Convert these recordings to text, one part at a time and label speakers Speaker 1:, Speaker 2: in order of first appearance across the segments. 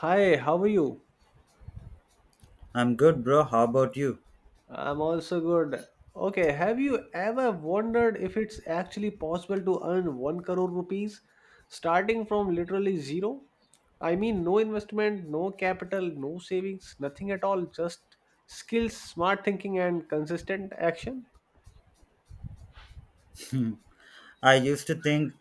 Speaker 1: Hi, how are you?
Speaker 2: I'm good, bro. How about you?
Speaker 1: I'm also good. Okay, have you ever wondered if it's actually possible to earn 1 crore rupees starting from literally zero? I mean, no investment, no capital, no savings, nothing at all, just skills, smart thinking, and consistent action.
Speaker 2: Hmm. I used to think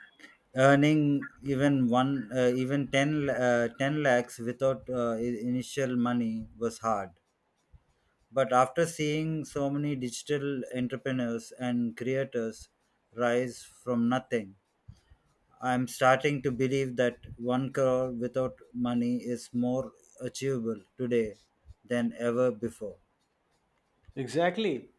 Speaker 2: earning even 10 lakhs without initial money was hard. But after seeing so many digital entrepreneurs and creators rise from nothing, I'm starting to believe that one crore without money is more achievable today than ever before.
Speaker 1: Exactly.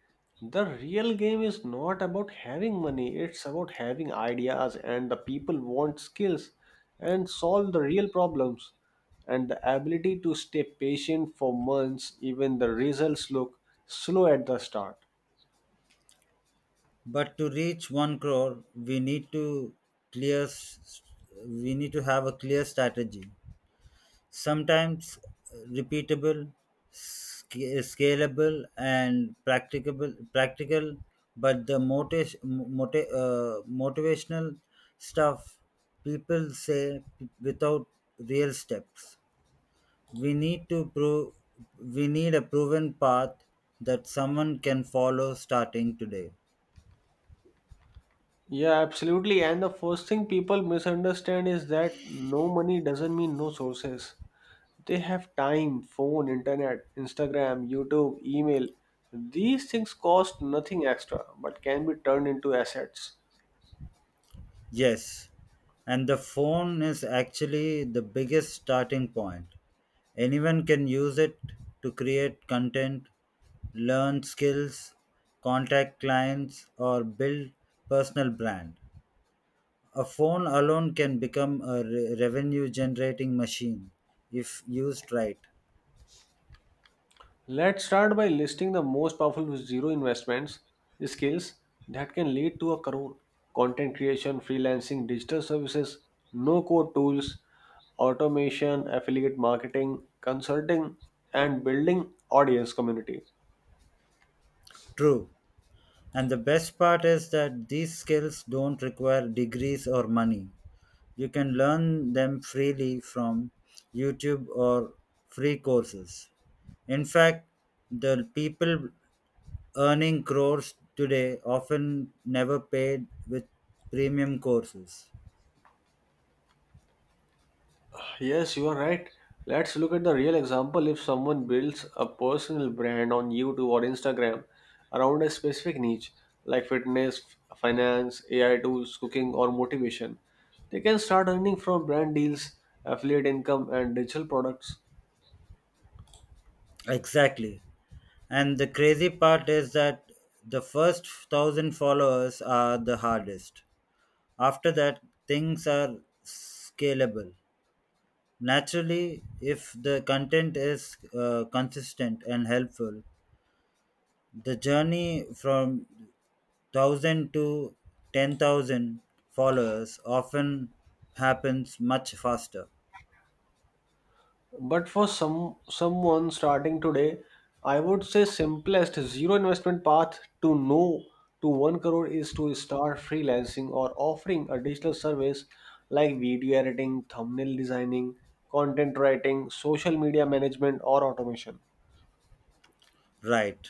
Speaker 1: The real game is not about having money, it's about having ideas and the people want skills and solve the real problems and the ability to stay patient for months even the results look slow at the start.
Speaker 2: But to reach one crore, clear. s- we need to have a clear strategy. Sometimes, repeatable, scalable, and practicable. practical, but the motiv- uh, motivational stuff people say without real steps. We need to prove. We need a proven path that someone can follow starting today.
Speaker 1: Yeah, absolutely. And the first thing people misunderstand is that no money doesn't mean no sources. They have time, phone, internet, Instagram, YouTube, email. These things cost nothing extra but can be turned into assets.
Speaker 2: Yes, and the phone is actually the biggest starting point. Anyone can use it to create content, learn skills, contact clients, or build personal brand. A phone alone can become a revenue generating machine if used right.
Speaker 1: Let's start by listing the most powerful zero investments skills that can lead to a career. Content creation, freelancing, digital services, no code tools, automation, affiliate marketing, consulting, and building audience community.
Speaker 2: True. And the best part is that these skills don't require degrees or money. You can learn them freely from YouTube or free courses. In fact, the people earning crores today often never paid with premium courses.
Speaker 1: Yes, you are right. Let's look at the real example. If someone builds a personal brand on YouTube or Instagram around a specific niche like fitness, finance, AI tools, cooking, or motivation, they can start earning from brand deals, affiliate income, and digital products.
Speaker 2: Exactly. And the crazy part is that the first thousand followers are the hardest. After that, things are scalable. Naturally, if the content is consistent and helpful, the journey from 1000 to 10,000 followers often happens much faster.
Speaker 1: But for someone starting today, I would say simplest zero investment path to no to one crore is to start freelancing or offering a digital service like video editing, thumbnail designing, content writing, social media management or automation.
Speaker 2: Right.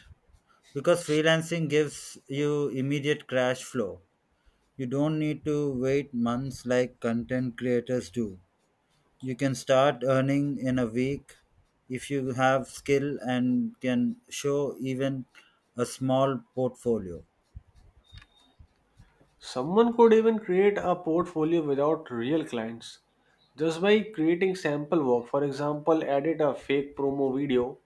Speaker 2: Because freelancing gives you immediate cash flow. You don't need to wait months like content creators do. You can start earning in a week if you have skill and can show even a small portfolio.
Speaker 1: Someone could even create a portfolio without real clients just by creating sample work. For example, edit a fake promo video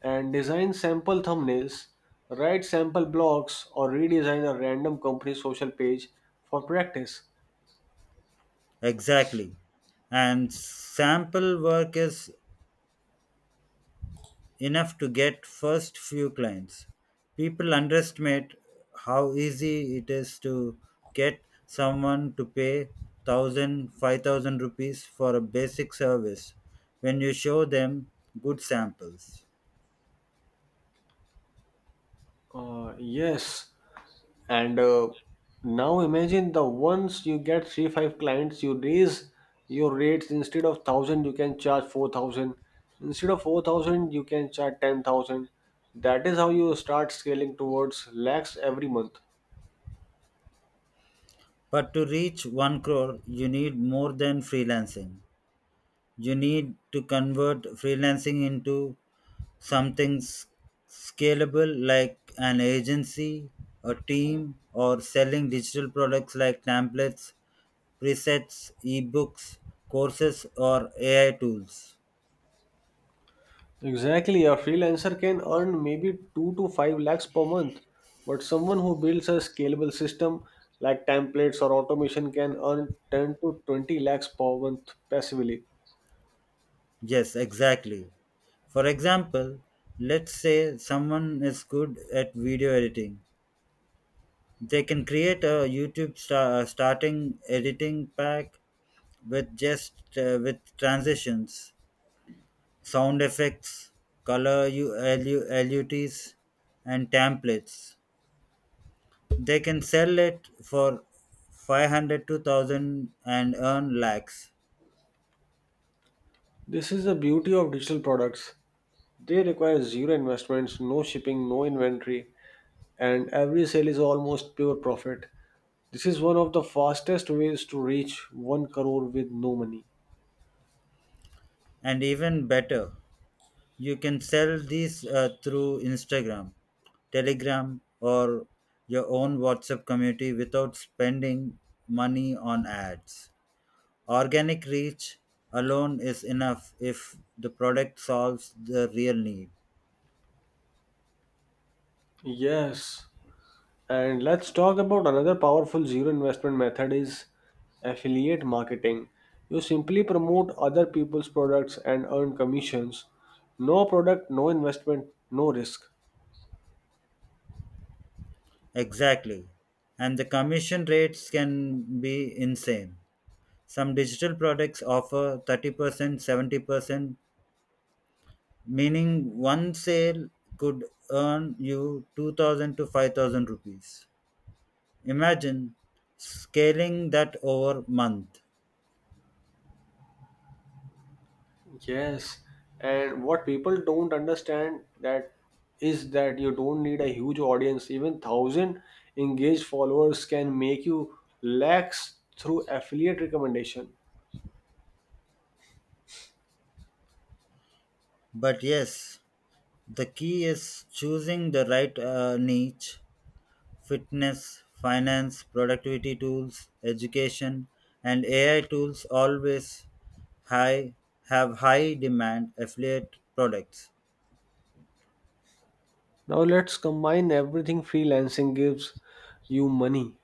Speaker 1: and design sample thumbnails, write sample blogs, or redesign a random company social page for practice.
Speaker 2: Exactly. And sample work is enough to get first few clients. People underestimate how easy it is to get someone to pay 1,000, 5,000 rupees for a basic service when you show them good samples.
Speaker 1: Yes, and now imagine the once you get three five clients, you raise your rates instead of thousand, you can charge 4,000. Instead of 4,000, you can charge 10,000. That is how you start scaling towards lakhs every month.
Speaker 2: But to reach 1 crore, you need more than freelancing. You need to convert freelancing into something scalable like an agency, a team, or selling digital products like templates, presets, ebooks, courses, or AI tools.
Speaker 1: Exactly, a freelancer can earn maybe 2 to 5 lakhs per month, but someone who builds a scalable system like templates or automation can earn 10 to 20 lakhs per month passively.
Speaker 2: Yes, exactly. For example, let's say someone is good at video editing. They can create a YouTube starting editing pack with just, with transitions, sound effects, color LUTs, and templates. They can sell it for 500 to 1000 and earn lakhs.
Speaker 1: This is the beauty of digital products. They require zero investments, no shipping, no inventory, and every sale is almost pure profit. This is one of the fastest ways to reach 1 crore with no money.
Speaker 2: And even better, you can sell these through Instagram, Telegram, or your own WhatsApp community without spending money on ads. Organic reach alone is enough if the product solves the real need.
Speaker 1: Yes, and let's talk about another powerful zero investment method is affiliate marketing. You simply promote other people's products and earn commissions. No product, no investment, no risk.
Speaker 2: Exactly. And the commission rates can be insane. Some digital products offer 30%, 70%, meaning one sale could earn you 2000 to 5000 rupees. Imagine scaling that over month.
Speaker 1: Yes. And what people don't understand that is that you don't need a huge audience. Even thousand engaged followers can make you lakhs through affiliate recommendation.
Speaker 2: But yes, the key is choosing the right niche: fitness, finance, productivity tools, education, and AI tools always high have high demand affiliate products.
Speaker 1: Now let's combine everything freelancing gives you money,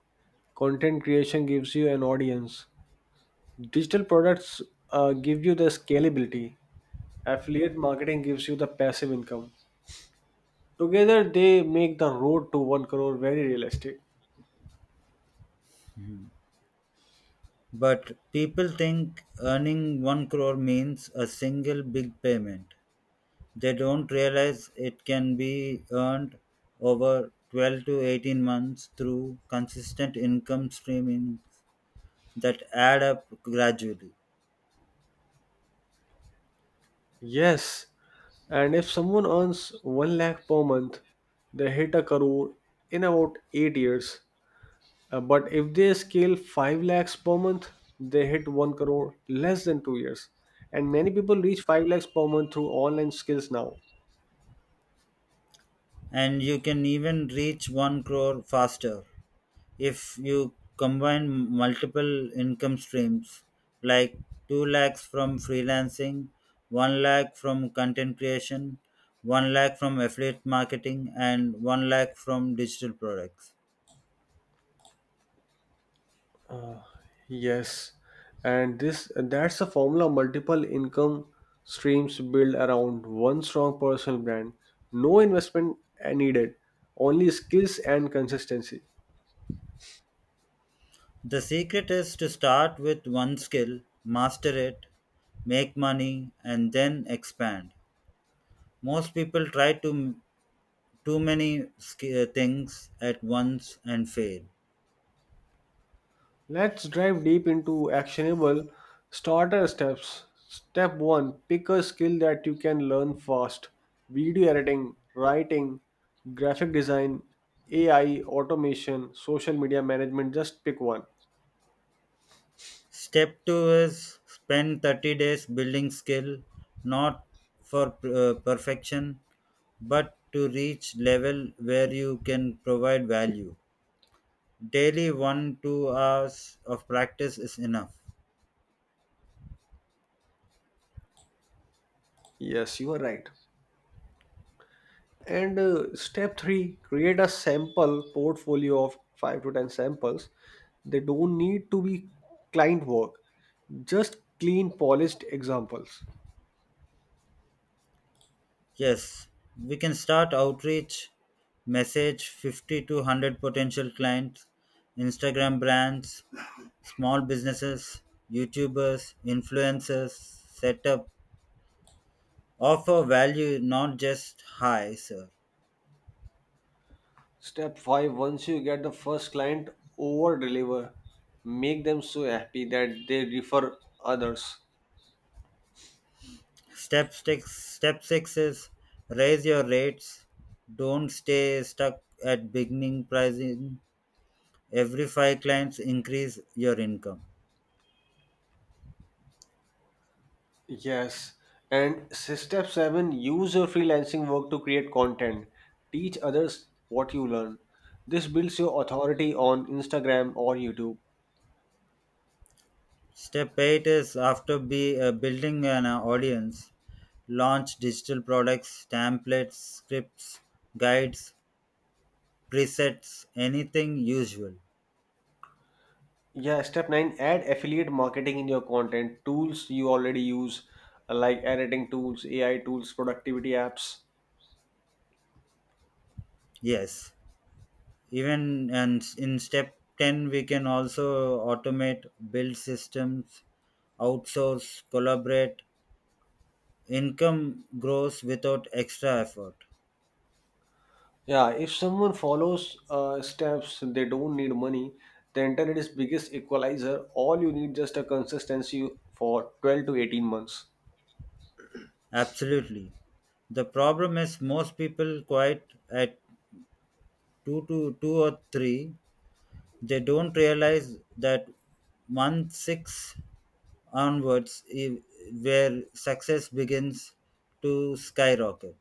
Speaker 1: content creation gives you an audience, digital products give you the scalability, affiliate marketing gives you the passive income. Together, they make the road to 1 crore very realistic.
Speaker 2: But people think earning 1 crore means a single big payment. They don't realize it can be earned over 12 to 18 months through consistent income streaming that add up gradually.
Speaker 1: Yes, and if someone earns 1 lakh per month, they hit a crore in about 8 years. But if they scale 5 lakhs per month, they hit 1 crore less than 2 years. And many people reach 5 lakhs per month through online skills now.
Speaker 2: And you can even reach 1 crore faster if you combine multiple income streams like 2 lakhs from freelancing, 1 lakh from content creation, 1 lakh from affiliate marketing, and 1 lakh from digital products.
Speaker 1: Yes, and this that's a formula multiple income streams build around one strong personal brand. No investment needed, only skills and consistency.
Speaker 2: The secret is to start with one skill, master it, make money, and then expand. Most people try to too many sk- things at once and fail.
Speaker 1: Let's dive deep into actionable starter steps. Step 1, pick a skill that you can learn fast video editing, writing, graphic design, AI, automation, social media management. Just pick one.
Speaker 2: Step two is spend 30 days building skill, not for perfection, but to reach level where you can provide value. Daily 1 2 hours of practice is enough.
Speaker 1: Yes, you are right. And step 3, create a sample portfolio of 5 to 10 samples. They don't need to be client work, just clean, polished examples.
Speaker 2: Yes, we can start outreach, message 50 to 100 potential clients, Instagram brands, small businesses, YouTubers, influencers, set up offer value not just highs.
Speaker 1: Step 5, once you get the first client, over deliver. Make them so happy that they refer others.
Speaker 2: Step six is raise your rates. Don't stay stuck at beginning pricing. Every five clients, increase your income.
Speaker 1: Yes. And step 7, use your freelancing work to create content. Teach others what you learn. This builds your authority on Instagram or YouTube.
Speaker 2: Step eight is after building an audience, launch digital products, templates, scripts, guides, presets, anything usual.
Speaker 1: Yeah. Step 9, add affiliate marketing in your content. Tools you already use, like editing tools, AI tools, productivity apps.
Speaker 2: Yes. even and in step 10, we can also automate, build systems, outsource, collaborate. Income grows without extra effort.
Speaker 1: Yeah, if someone follows steps, they don't need money. The internet is biggest equalizer. All you need just a consistency for 12 to 18 months.
Speaker 2: Absolutely. The problem is most people quite at 2 to 2 or 3. They don't realize that month 6 onwards, i- where success begins to skyrocket.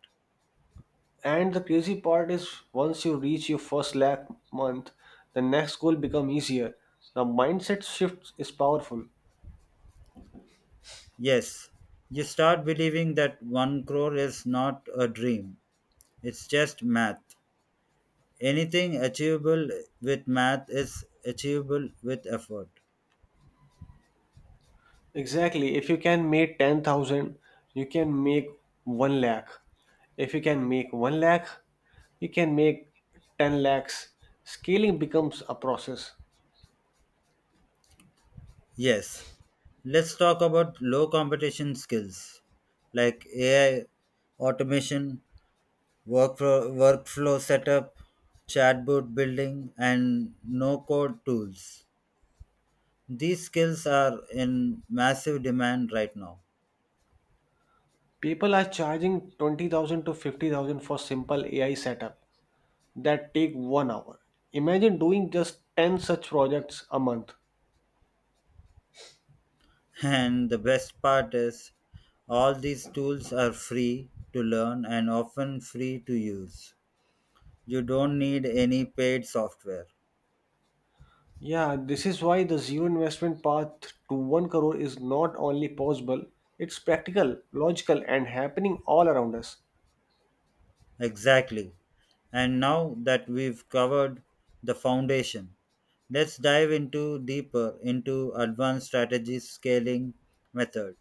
Speaker 1: And the crazy part is once you reach your first lakh month, the next goal become easier. The mindset shift is powerful.
Speaker 2: Yes, you start believing that one crore is not a dream, it's just math. Anything achievable with math is achievable with effort.
Speaker 1: Exactly. If you can make 10,000, you can make 1 lakh. If you can make 1 lakh, you can make 10 lakhs. Scaling becomes a process.
Speaker 2: Yes, let's talk about low competition skills like AI, automation, workflow setup, chatbot building, and no code tools. These skills are in massive demand right now.
Speaker 1: People are charging 20,000 to 50,000 for simple AI setup that take 1 hour. Imagine doing just 10 such projects a month.
Speaker 2: And the best part is, all these tools are free to learn and often free to use. You don't need any paid software.
Speaker 1: Yeah, this is why the zero investment path to 1 crore is not only possible, it's practical, logical and happening all around us.
Speaker 2: Exactly. And now that we've covered the foundation, let's dive into deeper into advanced strategies, scaling method,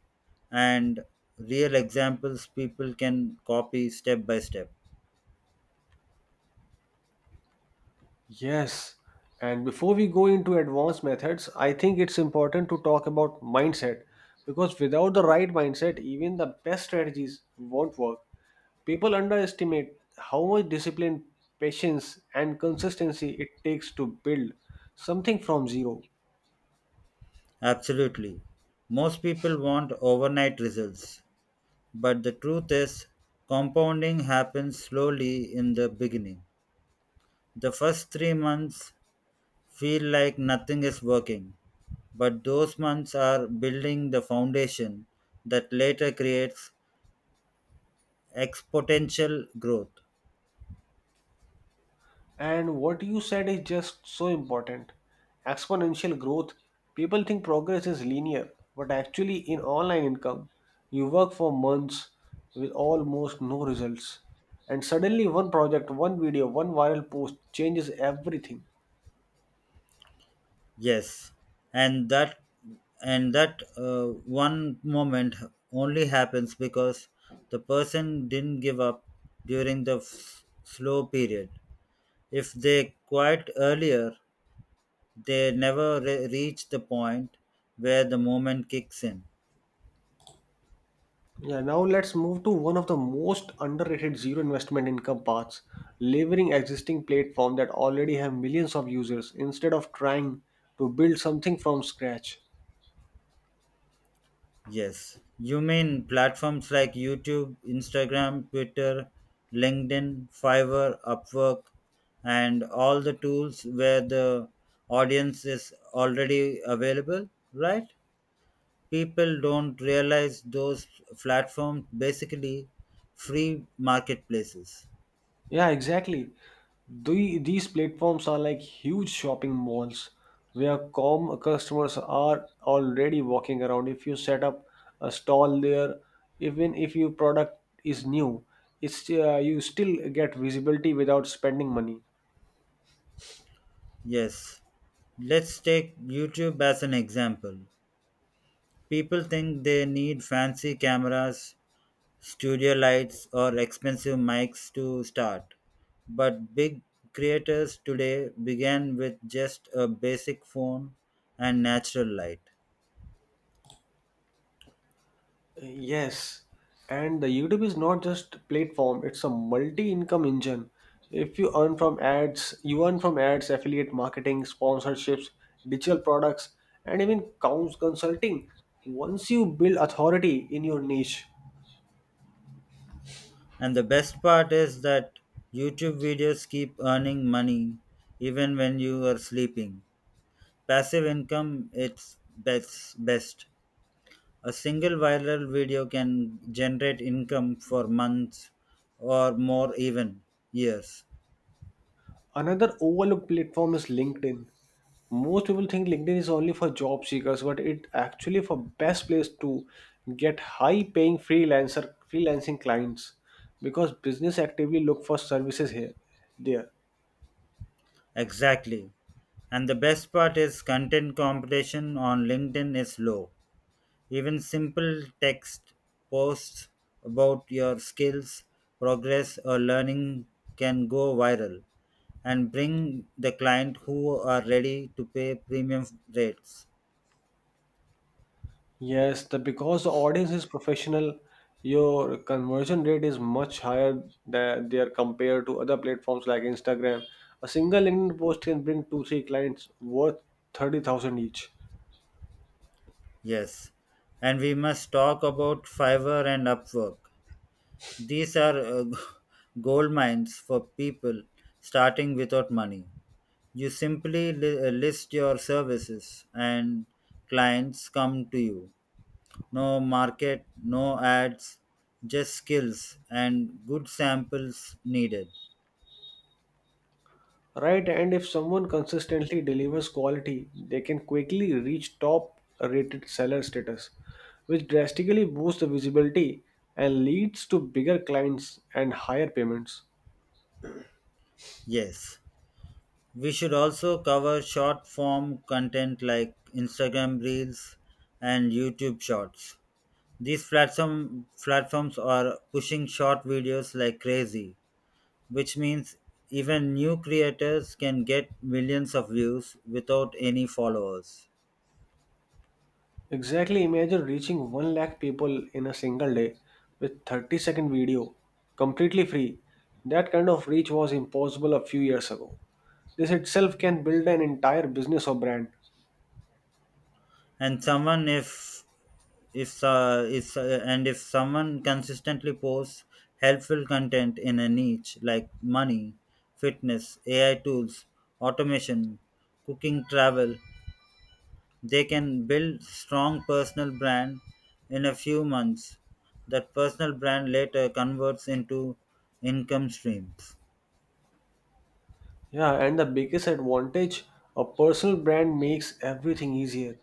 Speaker 2: and real examples people can copy step by step.
Speaker 1: Yes. And before we go into advanced methods, I think it's important to talk about mindset because without the right mindset, even the best strategies won't work. People underestimate how much discipline, patience, and consistency it takes to build something from zero.
Speaker 2: Absolutely. Most people want overnight results, but the truth is, compounding happens slowly in the beginning. The first 3 months feel like nothing is working, but those months are building the foundation that later creates exponential growth.
Speaker 1: And what you said is just so important. Exponential growth. People think progress is linear, but actually, in online income, you work for months with almost no results. And suddenly, one project, one video, one viral post changes everything.
Speaker 2: Yes, and that and that one moment only happens because the person didn't give up during the slow period. If they quit earlier, they never reach the point where the moment kicks in.
Speaker 1: Yeah, now let's move to one of the most underrated zero investment income paths leveraging existing platforms that already have millions of users instead of trying to build something from scratch.
Speaker 2: Yes. You mean platforms like YouTube, Instagram, Twitter, LinkedIn, Fiverr, Upwork, and all the tools where the audience is already available, right? People don't realize those platforms basically free marketplaces.
Speaker 1: Yeah, exactly. These platforms are like huge shopping malls where com customers are already walking around. If you set up a stall there, even if your product is new, it's you still get visibility without spending money.
Speaker 2: Yes. Let's take YouTube as an example. People think they need fancy cameras, studio lights, or expensive mics to start. But big creators today began with just a basic phone and natural light.
Speaker 1: Yes, and the YouTube is not just platform, it's a multi-income engine. If you earn from ads, you earn from ads, affiliate marketing, sponsorships, digital products, and even consulting. Once you build authority in your niche,
Speaker 2: And the best part is that YouTube videos keep earning money even when you are sleeping. Passive income, it's best. A single viral video can generate income for months or more, even years.
Speaker 1: another overlooked platform is LinkedIn. Most people think LinkedIn is only for job seekers, but it actually for best place to get high paying freelancer freelancing clients because business actively look for services here there.
Speaker 2: Exactly. And the best part is content competition on LinkedIn is low. Even simple text posts about your skills, progress, or learning can go viral and bring the client who are ready to pay premium rates.
Speaker 1: Yes, the because the audience is professional, your conversion rate is much higher than there compared to other platforms like Instagram. A single LinkedIn post can bring two three clients worth 30,000 each.
Speaker 2: Yes. And we must talk about Fiverr and Upwork. These are gold mines for people starting without money. You simply list your services and clients come to you. No market, no ads, just skills and good samples needed.
Speaker 1: Right, and if someone consistently delivers quality, they can quickly reach top rated seller status, which drastically boosts the visibility and leads to bigger clients and higher payments.
Speaker 2: Yes. We should also cover short form content like Instagram Reels and YouTube Shorts. These platforms are pushing short videos like crazy, which means even new creators can get millions of views without any followers.
Speaker 1: Exactly, imagine reaching 1 lakh people in a single day with 30-second video completely free. That kind of reach was impossible a few years ago. This itself can build an entire business or brand.
Speaker 2: And someone if if uh, is uh, and if someone consistently posts helpful content in a niche like money, fitness, AI tools, automation, cooking, travel, they can build strong personal brand in a few months. That personal brand later converts into income streams.
Speaker 1: Yeah, and the biggest advantage a personal brand makes everything easier.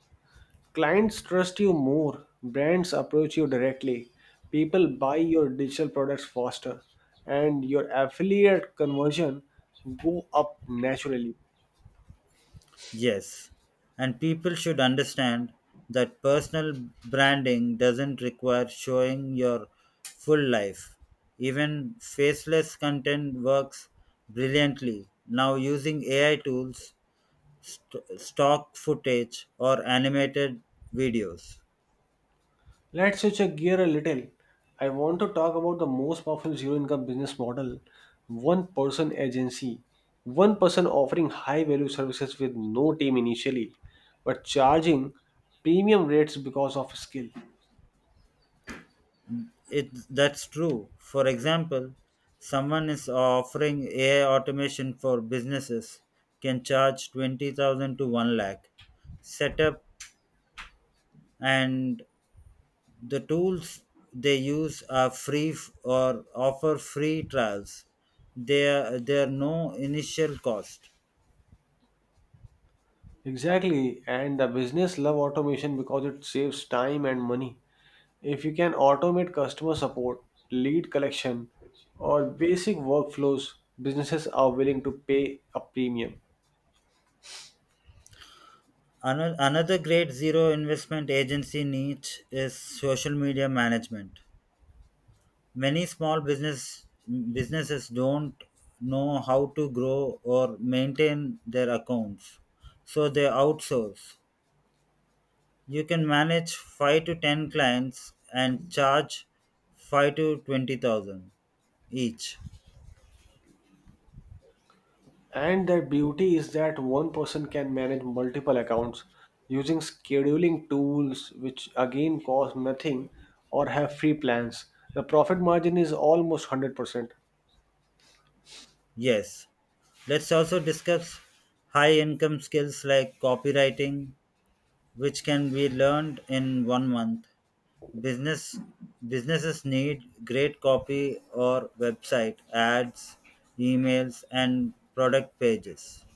Speaker 1: Clients trust you more, brands approach you directly, people buy your digital products faster, and your affiliate conversion go up naturally.
Speaker 2: Yes, and people should understand that personal branding doesn't require showing your full life. Even faceless content works brilliantly. Now, using AI tools, stock footage, or animated videos.
Speaker 1: Let's switch a gear a little. I want to talk about the most powerful zero income business model one person agency. One person offering high value services with no team initially, but charging premium rates because of skill.
Speaker 2: That's true. For example, someone is offering AI automation for businesses can charge 20,000 to 1 lakh setup, and the tools they use are free, or offer free trials. There are no initial cost.
Speaker 1: Exactly, and the business love automation because it saves time and money. If you can automate customer support, lead collection, or basic workflows, businesses are willing to pay a premium.
Speaker 2: Another great zero investment agency niche is social media management. Many small businesses don't know how to grow or maintain their accounts, so they outsource. You can manage 5 to 10 clients and charge 5 to 20,000 each.
Speaker 1: And their beauty is that one person can manage multiple accounts using scheduling tools, which again cost nothing or have free plans. The profit margin is almost 100%.
Speaker 2: Yes, let's also discuss high income skills like copywriting, which can be learned in 1 month. Business Businesses need great copy or website, ads, emails, and product pages.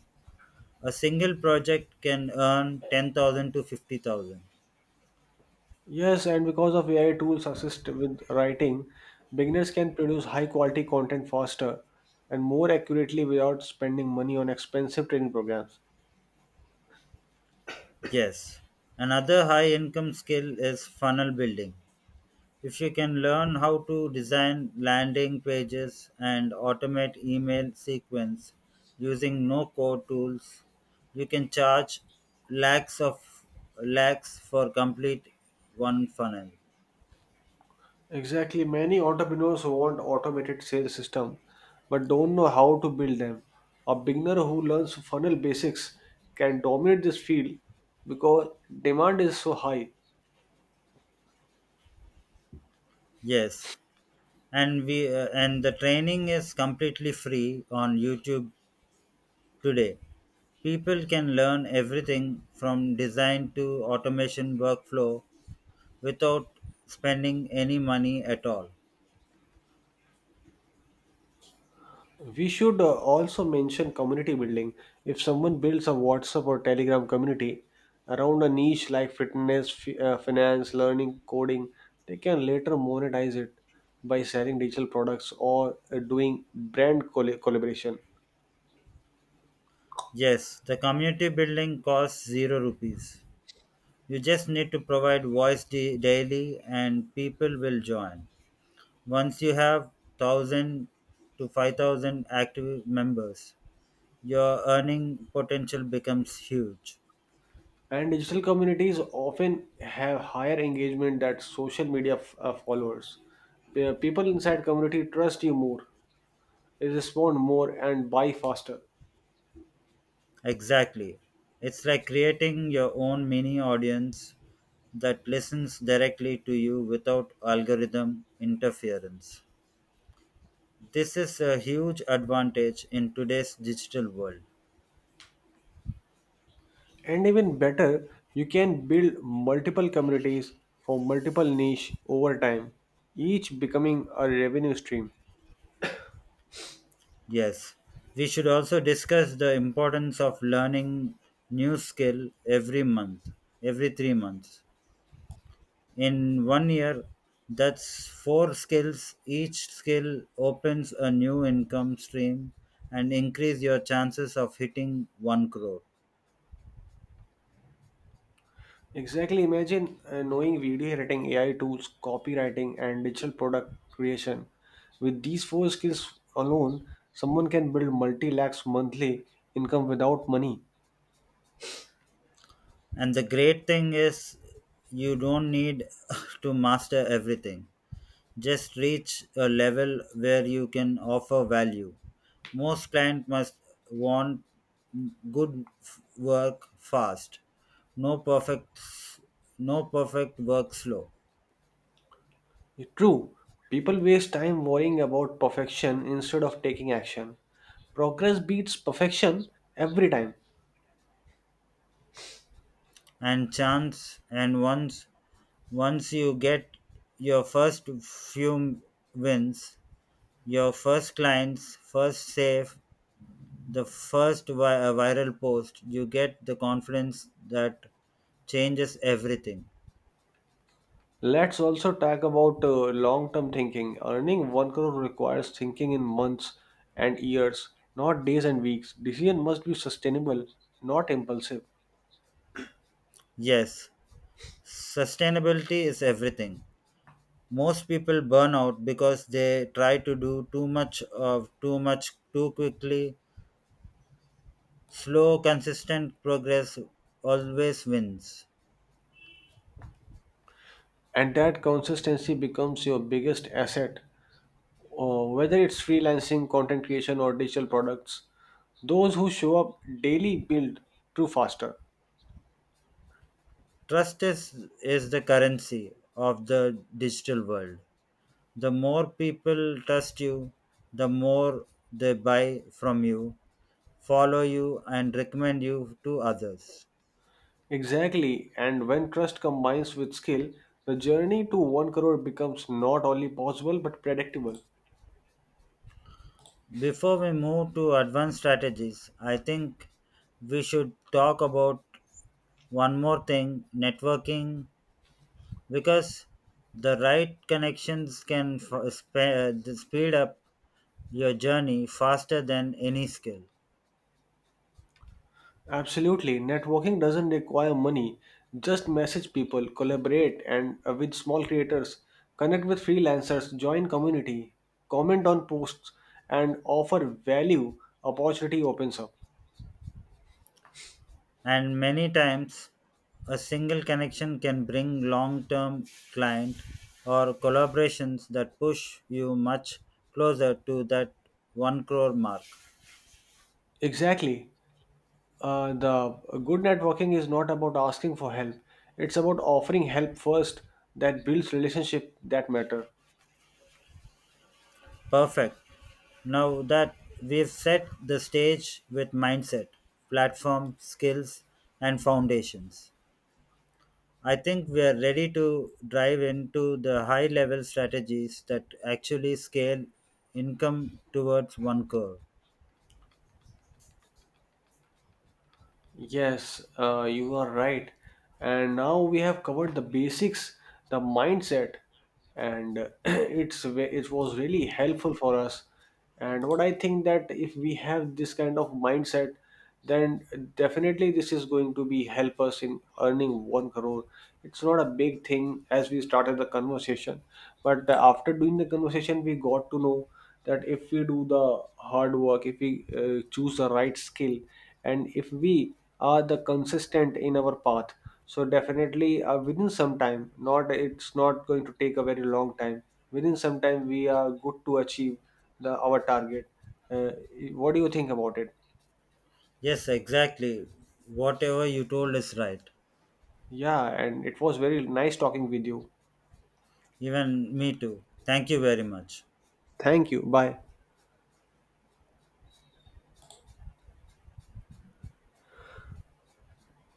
Speaker 2: A single project can earn 10,000 to 50,000.
Speaker 1: Yes, and because of AI tools assist with writing, beginners can produce high quality content faster and more accurately without spending money on expensive training programs.
Speaker 2: Yes. Another high income skill is funnel building. If she can learn how to design landing pages and automate email sequence using no code tools, you can charge lakhs of lakhs for complete one funnel.
Speaker 1: Exactly. Many entrepreneurs want automated sales system but don't know how to build them. A beginner who learns funnel basics can dominate this field because demand is so high.
Speaker 2: Yes, and we and the training is completely free on YouTube today. People can learn everything from design to automation workflow without spending any money at all.
Speaker 1: We should also mention community building. If someone builds a WhatsApp or Telegram community around a niche like fitness, finance, learning, coding, they can later monetize it by selling digital products or doing brand collaboration.
Speaker 2: Yes, the community building costs zero rupees. You just need to provide voice daily and people will join. Once you have 1000 to 5000 active members, your earning potential becomes huge.
Speaker 1: And digital communities often have higher engagement than social media followers. People inside community trust you more, respond more, and buy faster.
Speaker 2: Exactly. It's like creating your own mini audience that listens directly to you without algorithm interference. This is a huge advantage in today's digital world.
Speaker 1: And even better, you can build multiple communities for multiple niche over time, each becoming a revenue stream.
Speaker 2: Yes, we should also discuss the importance of learning new skill every 3 months. In 1 year, that's four skills. Each skill opens a new income stream and increase your chances of hitting 1 crore.
Speaker 1: Exactly. Imagine knowing video editing, AI tools, copywriting, and digital product creation. With these four skills alone, someone can build multi lakhs monthly income without money.
Speaker 2: And the great thing is you don't need to master everything. Just reach a level where you can offer value. Most clients must want good work fast, no perfect no perfect work slow.
Speaker 1: Yeah, true, people waste time worrying about perfection instead of taking action. Progress beats perfection every time.
Speaker 2: And once you get your first few wins, your first clients, first save, the first viral post, you get the confidence that changes everything.
Speaker 1: Let's also talk about long term thinking. Earning 1 crore requires thinking in months and years, not days and weeks. Decision must be sustainable, not impulsive.
Speaker 2: Yes, sustainability is everything. Most people burn out because they try to do too much too quickly. Slow, consistent progress always wins.
Speaker 1: And that consistency becomes your biggest asset. Whether it's freelancing, content creation, or digital products, those who show up daily build true faster.
Speaker 2: Trust is the currency of the digital world. The more people trust you, the more they buy from you, follow you, and recommend you to others.
Speaker 1: Exactly, and when trust combines with skill, the journey to 1 crore becomes not only possible but predictable.
Speaker 2: Before we move to advanced strategies, I think we should talk about one more thing: networking, because the right connections can speed up your journey faster than any skill.
Speaker 1: Absolutely. Networking doesn't require money. Just message people, collaborate and with small creators, connect with freelancers, join community, comment on posts and offer value opportunity opens up.
Speaker 2: And many times, a single connection can bring long-term client or collaborations that push you much closer to that 1 crore mark.
Speaker 1: Exactly. The good networking is not about asking for help. It's about offering help first that builds relationship that matter.
Speaker 2: Perfect. Now that we've set the stage with mindset, platform skills, and foundations, I think we are ready to drive into the high level strategies that actually scale income towards one curve.
Speaker 1: Yes, you are right. And now we have covered the basics, the mindset, and it was really helpful for us. And what I think that if we have this kind of mindset, then definitely this is going to be help us in earning one crore. It's not a big thing as we started the conversation, but after doing the conversation, we got to know that if we do the hard work if we choose the right skill and if we are the consistent in our path, so definitely within some time, not, it's not going to take a very long time, within some time we are good to achieve the our target. uh, what do you think about it?
Speaker 2: Yes, exactly. Whatever you told is right.
Speaker 1: Yeah, and it was very nice talking with you.
Speaker 2: Even me too. Thank you very much.
Speaker 1: Thank you, bye.